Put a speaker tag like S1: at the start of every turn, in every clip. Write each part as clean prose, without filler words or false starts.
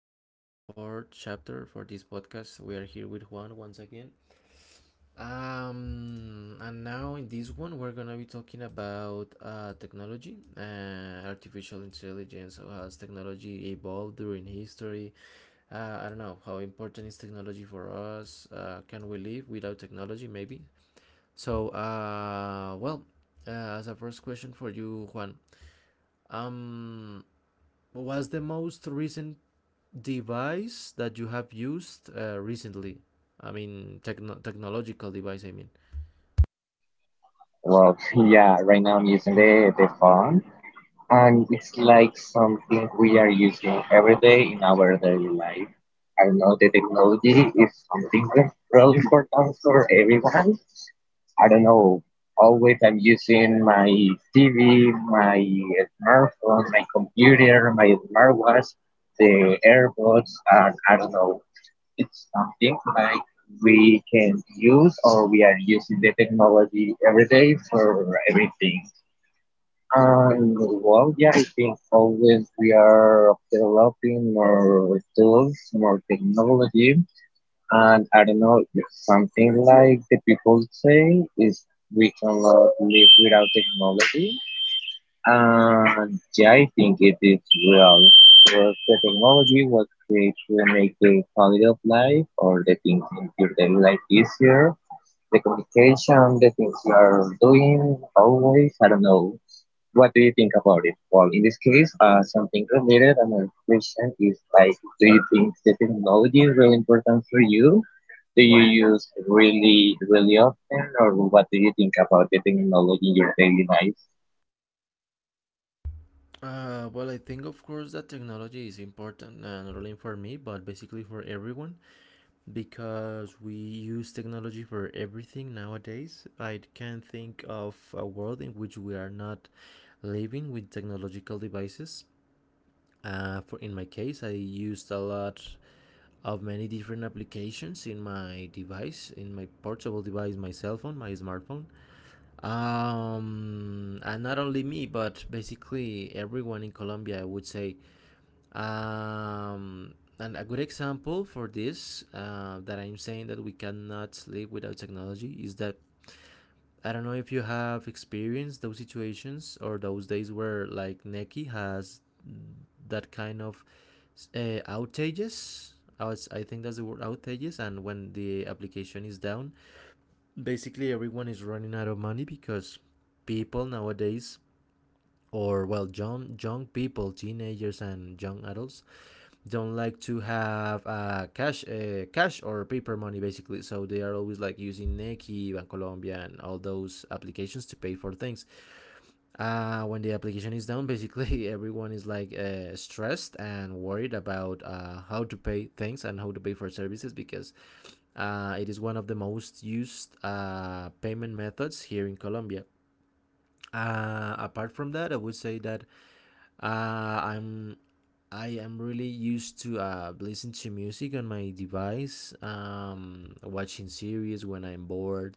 S1: to our fourth chapter for this podcast. We are here with Juan once again. And now in this one, we're gonna be talking about technology, artificial intelligence. How has technology evolved during history? I don't know how important is technology for us. Can we live without technology? Maybe. So, uh, as a first question for you, Juan, um, was the most recent device that you have used recently? I mean, technological device, I mean.
S2: Well, yeah, right now I'm using the phone, and it's like something we are using every day in our daily life. I don't know, the technology is something really important for everyone. I don't know, always I'm using my TV, my smartphone, my computer, my smartwatch, the AirPods, and I don't know. It's something like we can use or we are using the technology every day for everything. And well, yeah, I think always we are developing more tools, more technology, and I don't know, something like the people say is we cannot live without technology. Uh, yeah, I think it is real. Because the technology was created to make the quality of life or the things in your daily life easier. The communication, the things you are doing always, I don't know. What do you think about it? Well, in this case, something related, another question is like, do you think the technology is really important for you? Do you use really, really often, or what do you think about the technology in your daily life?
S1: I think, of course, that technology is important, not only for me, but basically for everyone, because we use technology for everything nowadays. I can't think of a world in which we are not living with technological devices. For In my case, I used a lot of many different applications in my device, in my portable device, my cell phone, my smartphone. And not only me, but basically everyone in Colombia, I would say. And a good example for this, that I'm saying that we cannot live without technology, is that I don't know if you have experienced those situations or those days where like Neki has that kind of outages. I think that's the word, outages. And when the application is down, basically everyone is running out of money, because people nowadays, or well, young people, teenagers and young adults, don't like to have cash or paper money, basically, so they are always like using Nequi, Bancolombia and all those applications to pay for things. When the application is down, basically everyone is like stressed and worried about how to pay things and how to pay for services, because it is one of the most used payment methods here in Colombia. Apart from that, I would say that uh, I'm I am really used to listen to music on my device, watching series when I'm bored,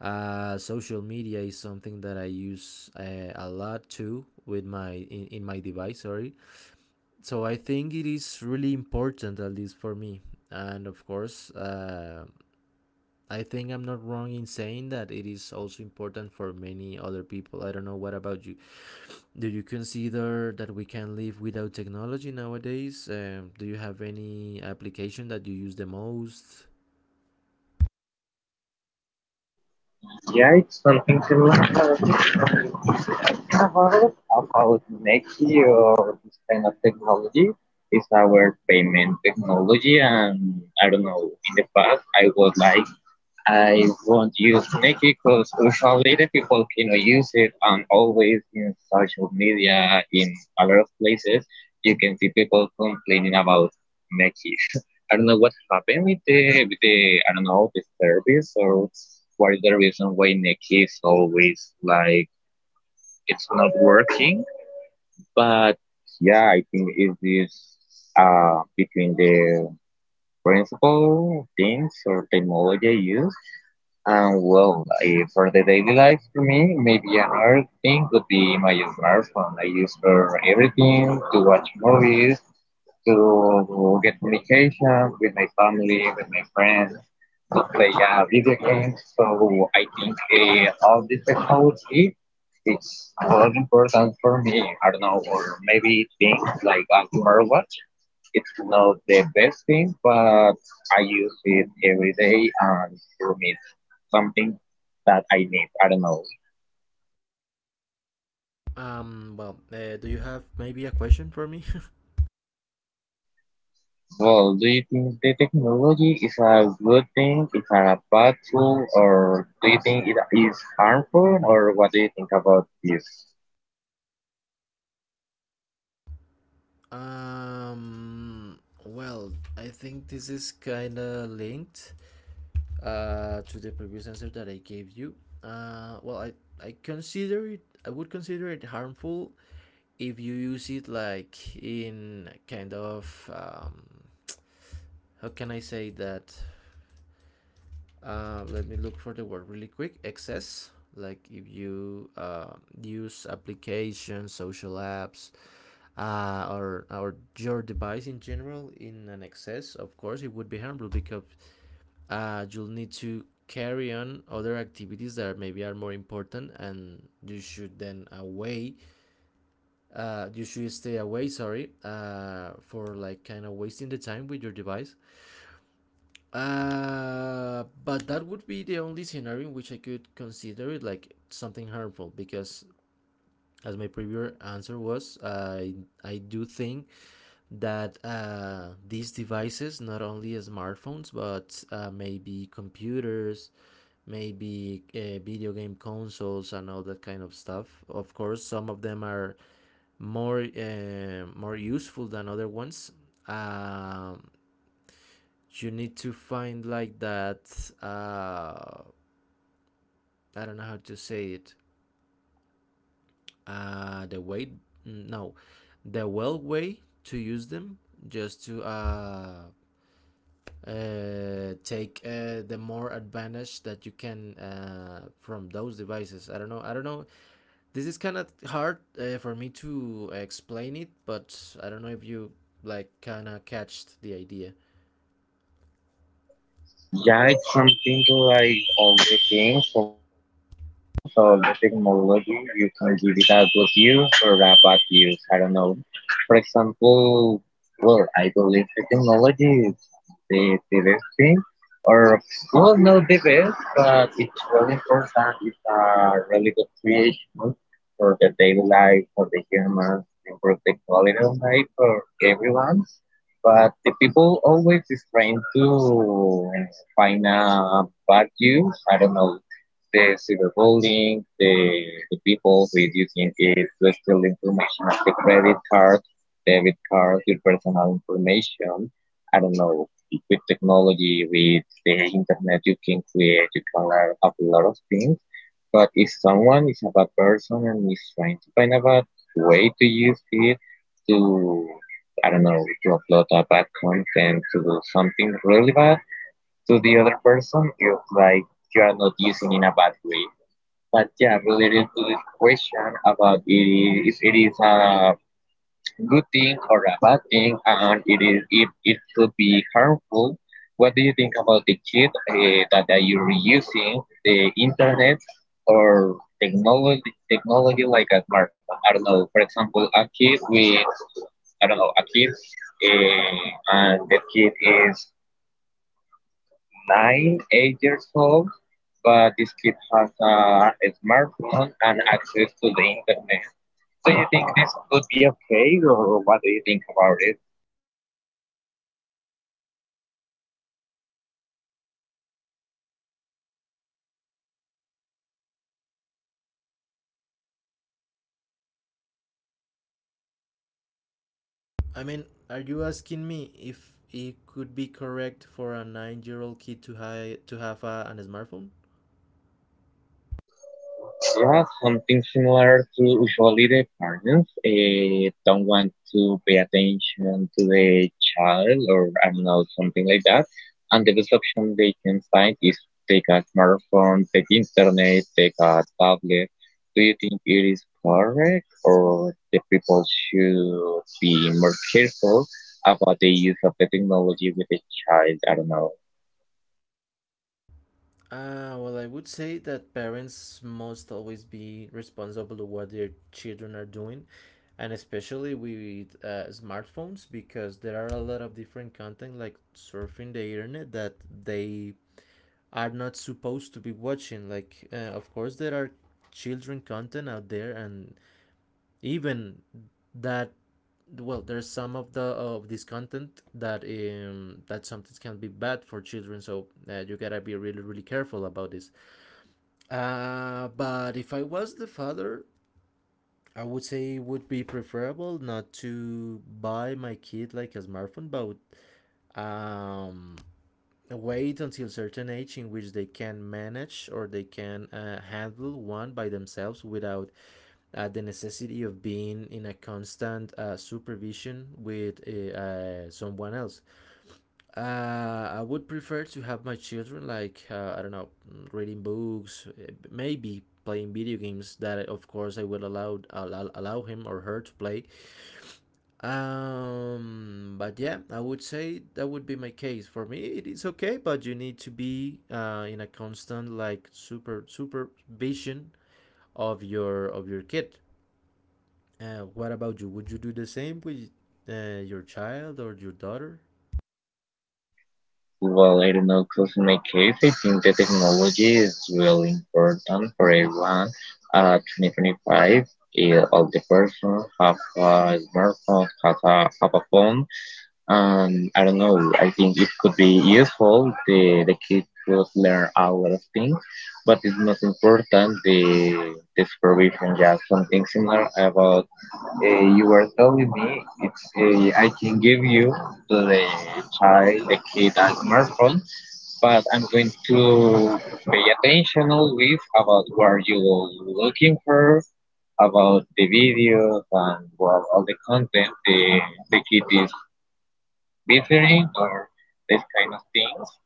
S1: social media is something that I use a lot too with my in my device. Sorry, so I think it is really important, at least for me. And of course, I think I'm not wrong in saying that it is also important for many other people. I don't know, what about you? Do you consider that we can live without technology nowadays? Do you have any application that you use the most?
S2: Yeah, it's something similar about Nexi or this kind of technology. It's our payment technology, and I don't know. In the past, I was like I won't use Nikki because usually the people cannot use it and always in social media in a lot of places you can see people complaining about Nikki. I don't know what happened with the I don't know the service or what is the reason why Nikki is always like it's not working. But yeah, I think it is between the principal things or technology used and well, eh, for the daily life for me, maybe another thing would be my smartphone. I use for everything, to watch movies, to get communication with my family, with my friends, to play video games. So I think eh, all this technology it's very important for me. I don't know, or maybe things like a smartwatch. It's not the best thing, but I use it every day and for me it's something that I need. I don't know.
S1: Do you have maybe a question for me?
S2: Well, do you think the technology is a good thing, is a bad tool, or do you think it is harmful, or what do you think about this?
S1: Um, well, I think this is kind of linked to the previous answer that I gave you. Uh, well, I, I would consider it harmful if you use it like in kind of, how can I say that? Let me look for the word really quick. Excess, like if you use applications, social apps, or your device in general, in an excess, of course it would be harmful, because you'll need to carry on other activities that maybe are more important, and you should then away you should stay away, sorry, for like kind of wasting the time with your device. But that would be the only scenario in which I could consider it like something harmful, because, as my previous answer was, I do think that these devices, not only smartphones, but maybe computers, maybe video game consoles, and all that kind of stuff. Of course, some of them are more useful than other ones. Um, you need to find like that. I don't know how to say it. Uh the way no the well way to use them, just to take, the more advantage that you can, from those devices. I don't know, I don't know, this is kind of hard for me to explain it, but I don't know if you like kind of catched the idea.
S2: Yeah, it's something like everything for the tools or the technology. You can give it a good use or a bad use. I don't know. For example, well, I believe the technology the directing or well, not the best, but it's really important. It's a really good creation for the daily life, for the humans, improve the quality of life for everyone. But the people always is trying to find a bad use. I don't know the cyberbullying, the people with using it to steal information of the credit card, debit card, your personal information. I don't know with technology, with the internet, you can create, you can learn a lot of things. But if someone is a bad person and is trying to find a bad way to use it to, I don't know, to upload a bad content, to do something really bad to the other person, it's like you are not using in a bad way. But yeah, related to this question about it is, if it is a good thing or a bad thing, and it is if it could be harmful. What do you think about the kid that are you reusing the internet or technology like a smartphone? I don't know. For example, a kid with I don't know a kid, uh, and the kid is nine, 8 years old, but this kid has a smartphone and access to the internet. Do you think this could be okay, or what do you think about it?
S1: I mean, are you asking me if it could be correct for a nine-year-old kid to have an smartphone?
S2: Yeah, something similar to usually the parents don't want to pay attention to the child or I don't know, something like that. And the best option they can find is take a smartphone, take internet, take a tablet. Do you think it is correct or the people should be more careful about the use of the technology with the child? I don't know.
S1: I would say that parents must always be responsible to what their children are doing, and especially with smartphones, because there are a lot of different content, like surfing the internet, that they are not supposed to be watching. Like, of course, there are children content out there, and even that, well, there's some of this content that that sometimes can be bad for children, so you gotta be really careful about this. But if I was the father, I would say it would be preferable not to buy my kid like a smartphone, but um wait until a certain age in which they can manage, or they can handle one by themselves without the necessity of being in a constant supervision with someone else. I would prefer to have my children, like, I don't know, reading books, maybe playing video games that, of course, I will allow him or her to play, but yeah, I would say that would be my case. For me, it is okay, but you need to be in a constant like super supervision of your kid. What about you? Would you do the same with your child or your daughter?
S2: Well, I don't know, because in my case, I think the technology is really important for everyone. 2025, eh, all the person have a smartphone, have a phone, and I don't know, I think it could be useful. The kid could learn a lot of things, but it's most important the supervision. Yeah, something similar about you were telling me, it's I can give you to the child, the kid, a smartphone but I'm going to pay attention always about what you're looking for, about the videos and well, all the content the kid is visiting or this kind of things.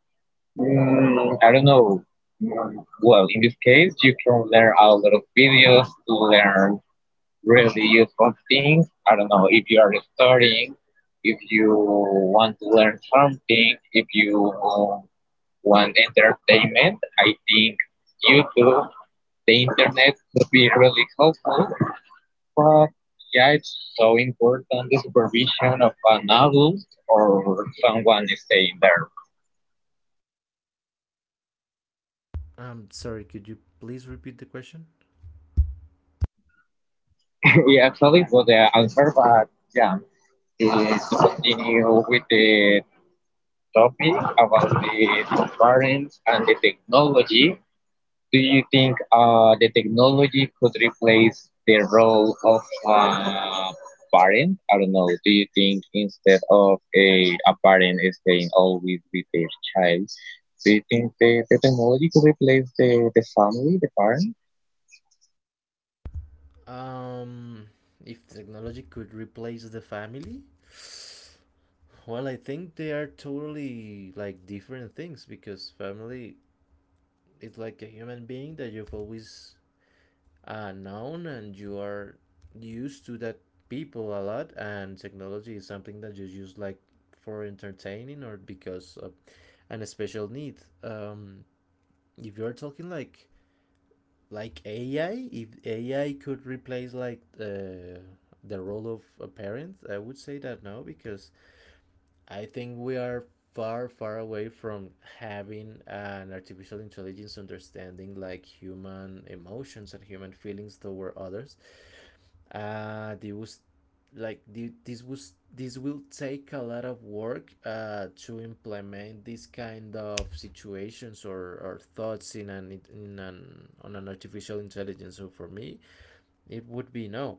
S2: Mm, I don't know. Well, in this case, you can learn a lot of videos to learn really useful things. I don't know if you are studying, if you want to learn something, if you one entertainment. I think YouTube, the internet could be really helpful, but yeah, it's so important the supervision of an adult or someone staying there.
S1: Sorry, could you please repeat the question?
S2: Yeah, actually, was the answer, but yeah, eh, to continue with the topic about the parents and the technology. Do you think the technology could replace the role of a parent? I don't know. Do you think instead of a parent staying always with their child, do you think the technology could replace the family, the parent?
S1: Um, if technology could replace the family, well, I think they are totally like different things, because family, it's like a human being that you've always known, and you are used to that people a lot, and technology is something that you use like for entertaining or because of an special need. um, if you're talking like ai if AI could replace like the role of a parent, I would say that no, because I think we are far, far away from having an artificial intelligence understanding like human emotions and human feelings toward others. They was like the- this was This will take a lot of work to implement these kind of situations, or thoughts in an on an artificial intelligence, so for me it would be no.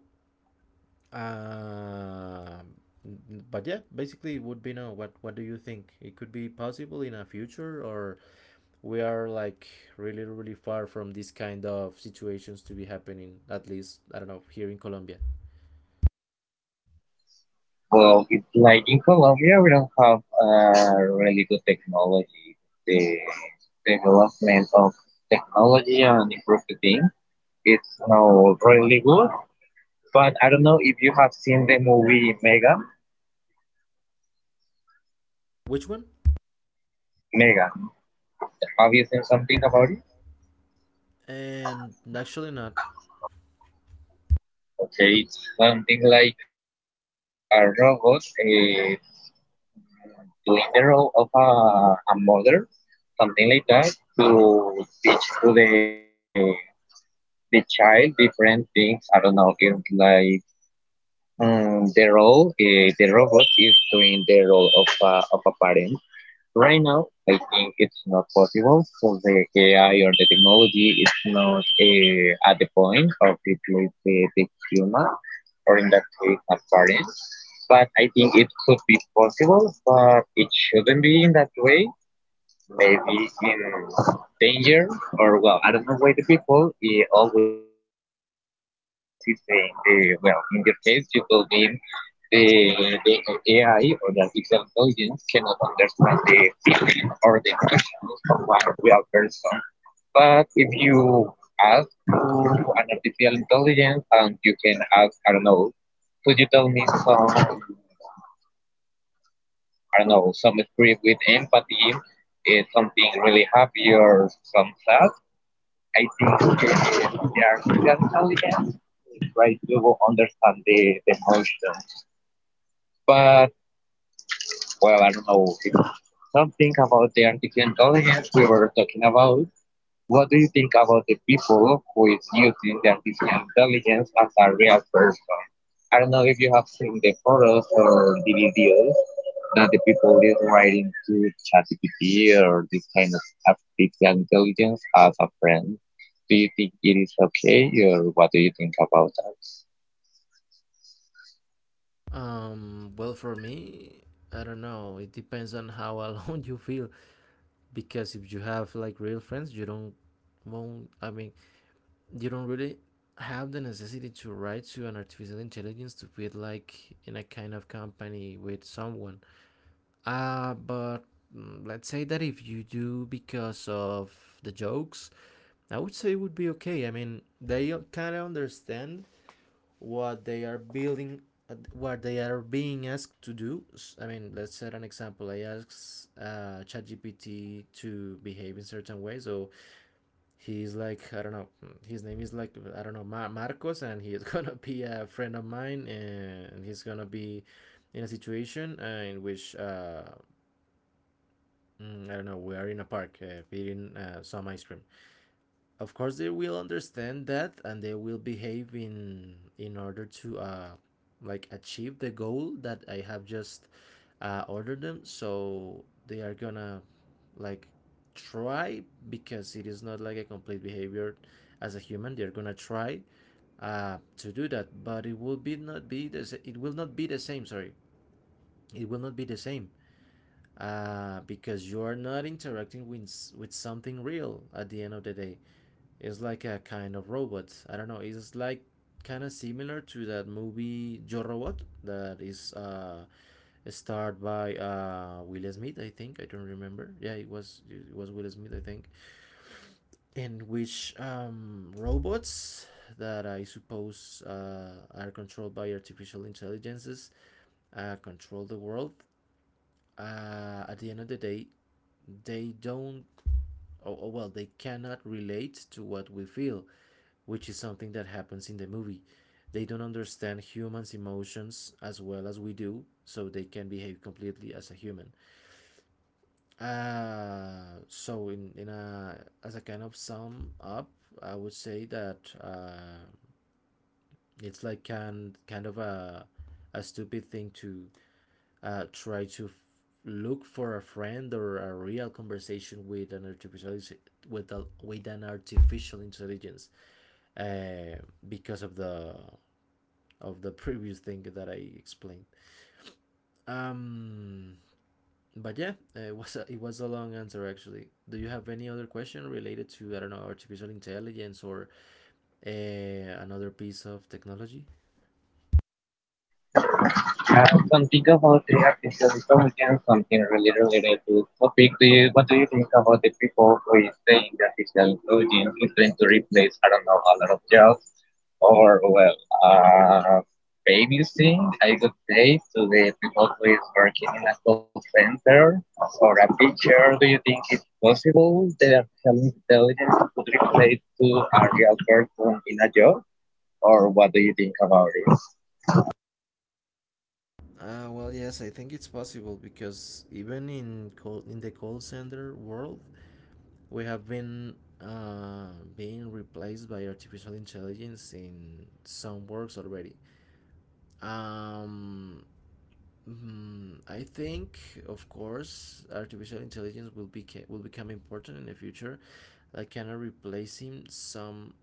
S1: um, but yeah, basically, it would be no. What do you think? It could be possible in a future, or we are like really, really far from this kind of situations to be happening. At least I don't know, here in Colombia.
S2: Well, it's like in Colombia, we don't have really good technology. The development of technology and improved things, it's not really good. But I don't know if you have seen the movie Mega.
S1: Which one?
S2: Mega. Have you seen something about it?
S1: And actually, not.
S2: Okay, it's something like a robot doing the role of a mother, something like that, to teach to the child different things. I don't know. It's like the role, the robot is doing the role of a parent. Right now, I think it's not possible because the AI or the technology is not at the point of replace the human or in that case a parent. But I think it could be possible, but it shouldn't be in that way. Maybe in danger or well, I don't know why the people eh, always is saying, eh, well, in your case you will be the AI or the artificial intelligence cannot understand the feeling or the emotions of a real person. But if you ask to an artificial intelligence and you can ask, I don't know, could you tell me some, I don't know, some script with empathy, eh, something really happy or some sad? I think eh, the artificial intelligence try to understand the emotions. But well, I don't know. If something about the artificial intelligence we were talking about. What do you think about the people who is using the artificial intelligence as a real person? I don't know if you have seen the photos or the videos that the people is writing to ChatGPT or this kind of artificial intelligence as a friend. Do you think it is okay, or what do you think about that?
S1: Well, for me, I don't know. It depends on how alone you feel. Because if you have like real friends, you don't won't. I mean, you don't really have the necessity to write to an artificial intelligence to feel like in a kind of company with someone. But let's say that if you do, because of the jokes, I would say it would be okay. I mean, they kind of understand what they are building, what they are being asked to do. I mean, let's set an example. I ask ChatGPT to behave in certain ways, so he's like, I don't know, his name is like, I don't know, Marcos, and he is gonna be a friend of mine, and he's gonna be in a situation, in which, I don't know, we are in a park, eating some ice cream. Of course they will understand that, and they will behave in order to, like, achieve the goal that I have just ordered them, so they are gonna like try, because it is not like a complete behavior as a human. They're gonna try to do that, but it will not be the same. Sorry, it will not be the same, because you are not interacting with something real. At the end of the day, is like a kind of robot. I don't know. It's like kind of similar to that movie Yo Robot, that is starred by Will Smith, I think. I don't remember. Yeah, it was Will Smith, I think. In which, robots that I suppose are controlled by artificial intelligences control the world. At the end of the day, they don't. Oh, well, they cannot relate to what we feel, which is something that happens in the movie. They don't understand humans' emotions as well as we do, so they can behave completely as a human. So in a as a kind of sum up, I would say that it's like kind of a stupid thing to uh, try to f- look for a friend or a real conversation with an artificial with an artificial intelligence uh, because of the previous thing that I explained. Um, but it was it was a long answer actually. Do you have any other question related to, I don't know, artificial intelligence or another piece of technology?
S2: Uh, Something about the artist is something really related to this topic. Do you, what do you think about the people who is saying that artificial intelligence is going to replace, I don't know, a lot of jobs or, well, babysitting, I could say, to the people who is working in a call center or a teacher? Do you think it's possible that artificial intelligence could replace to a real person in a job? Or what do you think about it?
S1: Well, yes, I think it's possible because in the call center world, we have been uh, being replaced by artificial intelligence in some works already. Um, I think, of course, artificial intelligence will become important in the future, like kind of replacing some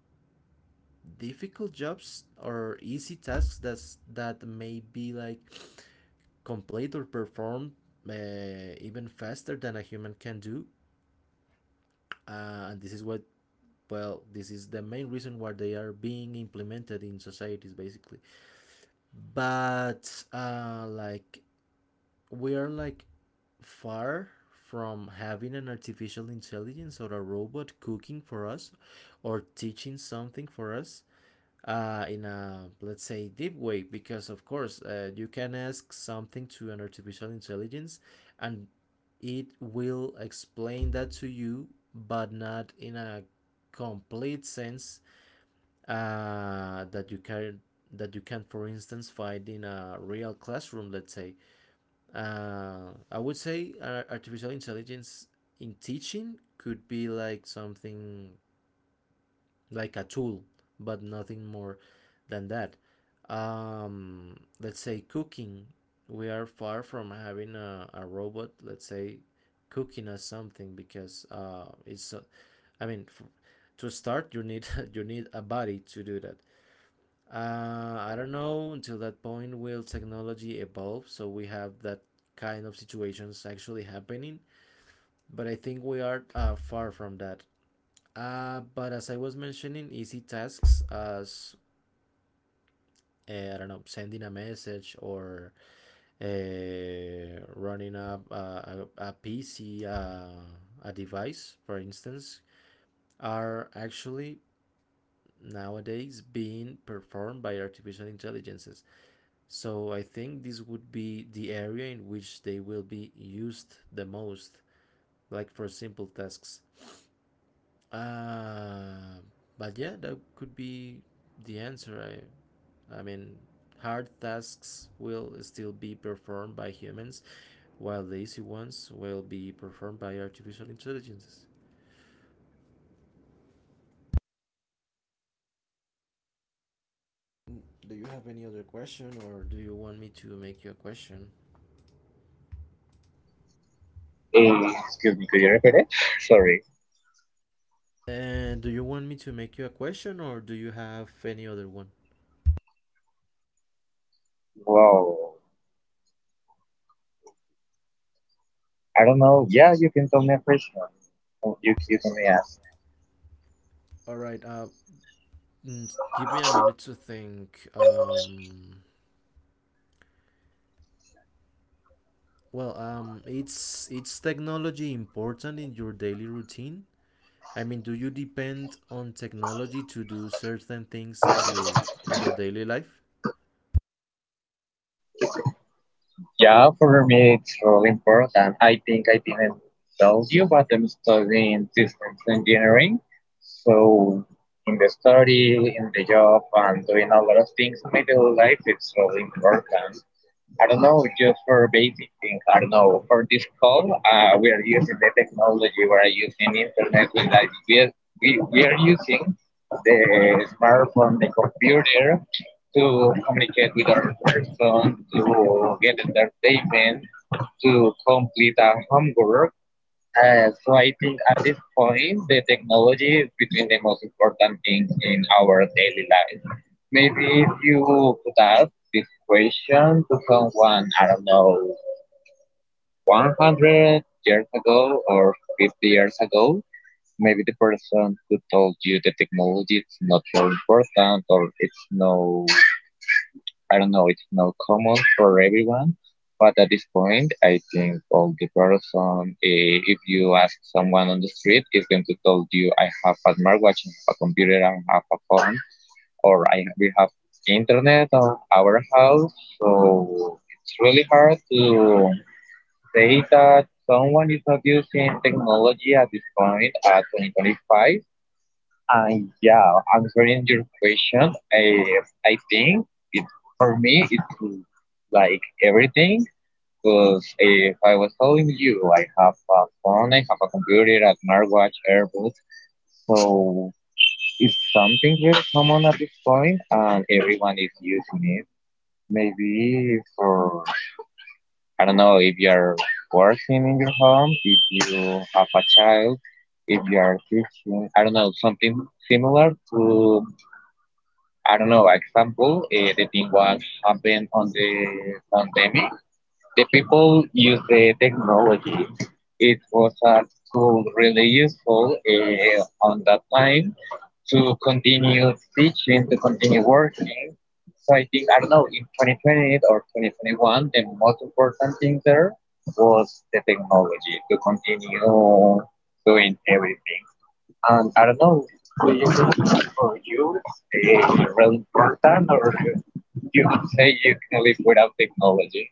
S1: difficult jobs or easy tasks that may be like complete or performed even faster than a human can do. And this is what well this is the main reason why they are being implemented in societies basically, but like we are like far from having an artificial intelligence or a robot cooking for us or teaching something for us, in a, let's say, deep way. Because of course you can ask something to an artificial intelligence and it will explain that to you, but not in a complete sense that you can, for instance, find in a real classroom, let's say. I would say artificial intelligence in teaching could be like something like a tool, but nothing more than that. Let's say cooking. We are far from having a robot, let's say, cooking us something because it's. I mean, f- to start, you need you need a body to do that. I don't know. Until that point, will technology evolve so we have that kind of situations actually happening? But I think we are far from that. But as I was mentioning, easy tasks as, I don't know, sending a message or uh, running up uh, a, PC, a device, for instance, are actually nowadays being performed by artificial intelligences. So I think this would be the area in which they will be used the most, like for simple tasks. Uh, but that could be the answer. I mean, hard tasks will still be performed by humans, while the easy ones will be performed by artificial intelligences. Do you have any other question, or do you want me to make you a question?
S2: Hey, excuse me, could you repeat it? Sorry.
S1: And do you want me to make you a question, or do you have any other one?
S2: Wow. I don't know. Yeah, you can tell me a question. Oh, you can ask.
S1: All right. Give me a minute to think. Well, it's technology important in your daily routine? I mean, do you depend on technology to do certain things in your daily life?
S2: Yeah, for me, it's really important. I think I didn't tell you, but I'm studying systems engineering. So, in the study, in the job, and doing a lot of things in my daily life, it's really important. I don't know, just for basic things. I don't know. For this call, we are using the technology. We are using internet. We like we are using the smartphone, the computer, to communicate with other person, to get entertainment, to complete a homework. So I think at this point, the technology is between the most important things in our daily life. Maybe if you could ask this question to someone, I don't know, 100 years ago or 50 years ago, maybe the person who told you the technology is not so important or it's no, I don't know, it's not common for everyone, but at this point, I think all the person, if you ask someone on the street, is going to tell you, I have a smartwatch, I have a computer, I have a phone, or I we have internet on our house. So it's really hard to say that someone is not using technology at this point at 2025. uh, yeah, answering your question, I think it, for me it's like everything. Because if I was telling you, I have a phone, I have a computer, a smartwatch, AirPods, so it's something really common at this point, and everyone is using it. Maybe for, I don't know if you're working in your home, if you have a child, if you are teaching, I don't know, something similar to, I don't know, example, the thing was happened on the pandemic. The people use the technology. It was a tool really useful on that time to continue teaching, to continue working. So I think, I don't know, in 2020 or 2021, the most important thing there was the technology to continue doing everything. And I don't know, do you could, or you really important, or you could say you can live without technology?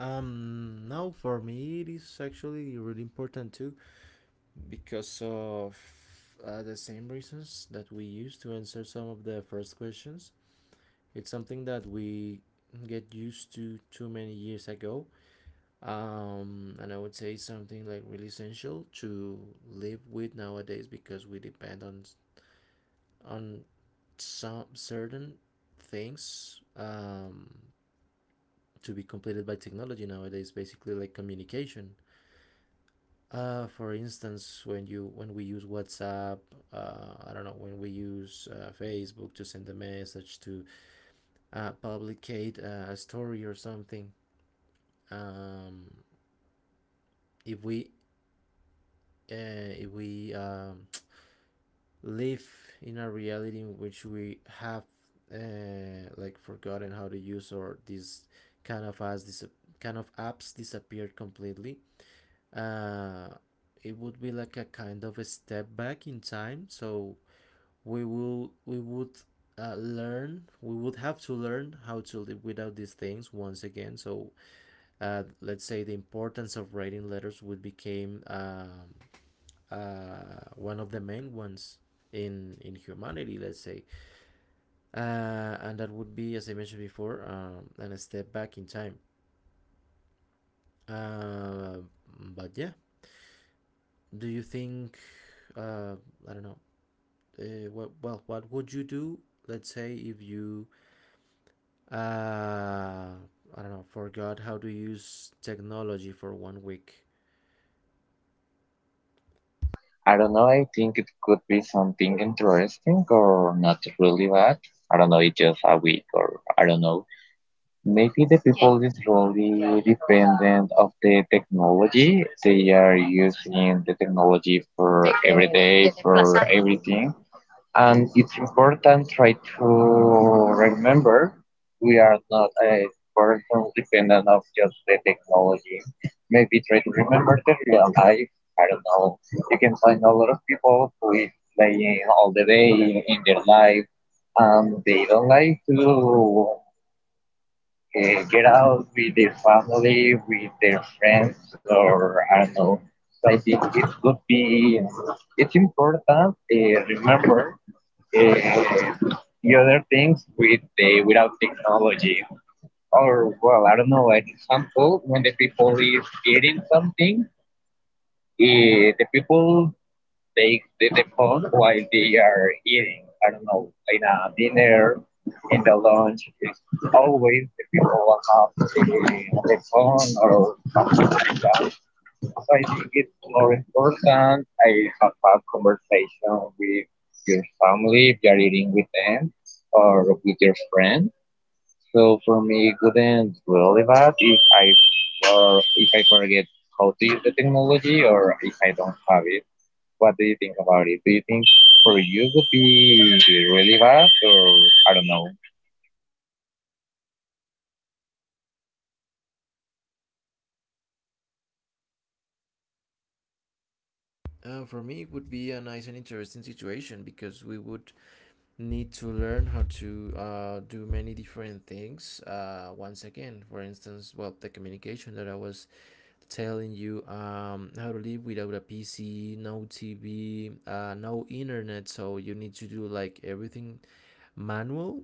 S1: No, for me it is actually really important too, because of the same reasons that we use to answer some of the first questions. It's something that we get used to too many years ago, and I would say something like really essential to live with nowadays, because we depend on some certain things to be completed by technology nowadays. Basically, like communication. For instance, when you when we use WhatsApp, I don't know, when we use Facebook to send a message, to publicate a story or something. Um, if we if we live in a reality in which we have like forgotten how to use, or these kind of, as this kind of apps disappeared completely, uh, it would be like a kind of a step back in time. So we would learn we would have to learn how to live without these things once again. So let's say the importance of writing letters would become, one of the main ones in humanity, let's say, and that would be, as I mentioned before, and a step back in time. Uh, but do you think? Uh, I don't know. Well, what would you do? Let's say if you, uh, I don't know, forgot how to use technology for 1 week.
S2: I don't know, I think it could be something interesting or not really bad. I don't know, it's just a week or I don't know. Maybe the people is really dependent of the technology. They are using the technology for every day, for everything. And it's important try to remember we are not a person dependent of just the technology, maybe try to remember the real life, I don't know, you can find a lot of people who is playing all the day in their life and they don't like to get out with their family, with their friends, or I don't know. So I think it could be, it's important remember uh, the other things with the without technology. Or well, I don't know. Like example, when the people is eating something, the people take the phone while they are eating. I don't know, in a dinner, in the lunch, it's always the people will have the phone or something like that. So I think it's more important I have a conversation with your family if you're eating with them or with your friends. So for me, it wouldn't really bad if I, for, if I forget how to use the technology or if I don't have it. What do you think about it? Do you think for you would be really bad or I don't know?
S1: For me, it would be a nice and interesting situation because we would need to learn how to do many different things, once again. For instance, well, the communication that I was telling you, how to live without a PC, no TV, no internet. So you need to do like everything manual,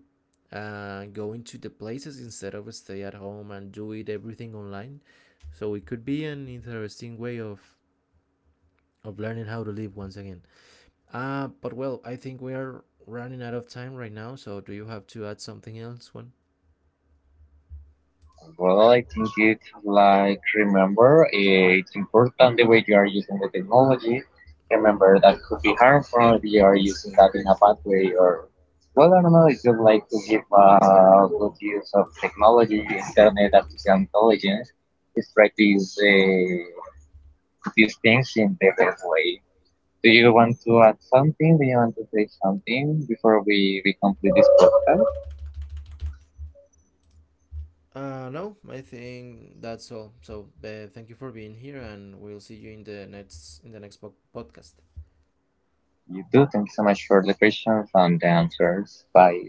S1: going to the places instead of stay at home and do it everything online. So it could be an interesting way of learning how to live once again. But I think we are running out of time right now. So do you have to add something else, one?
S2: Well, I think it's like remember, it's important the way you are using the technology. Remember that could be harmful if you are using that in a bad way or well, I don't know. It's just like to give good use of technology, internet, artificial intelligence. Is try to use these things in the best way. Do you want to add something? Do you want to say something before we complete this podcast?
S1: No, I think that's all. So thank you for being here, and we'll see you in the next podcast.
S2: You do. Thank you so much for the questions and the answers. Bye.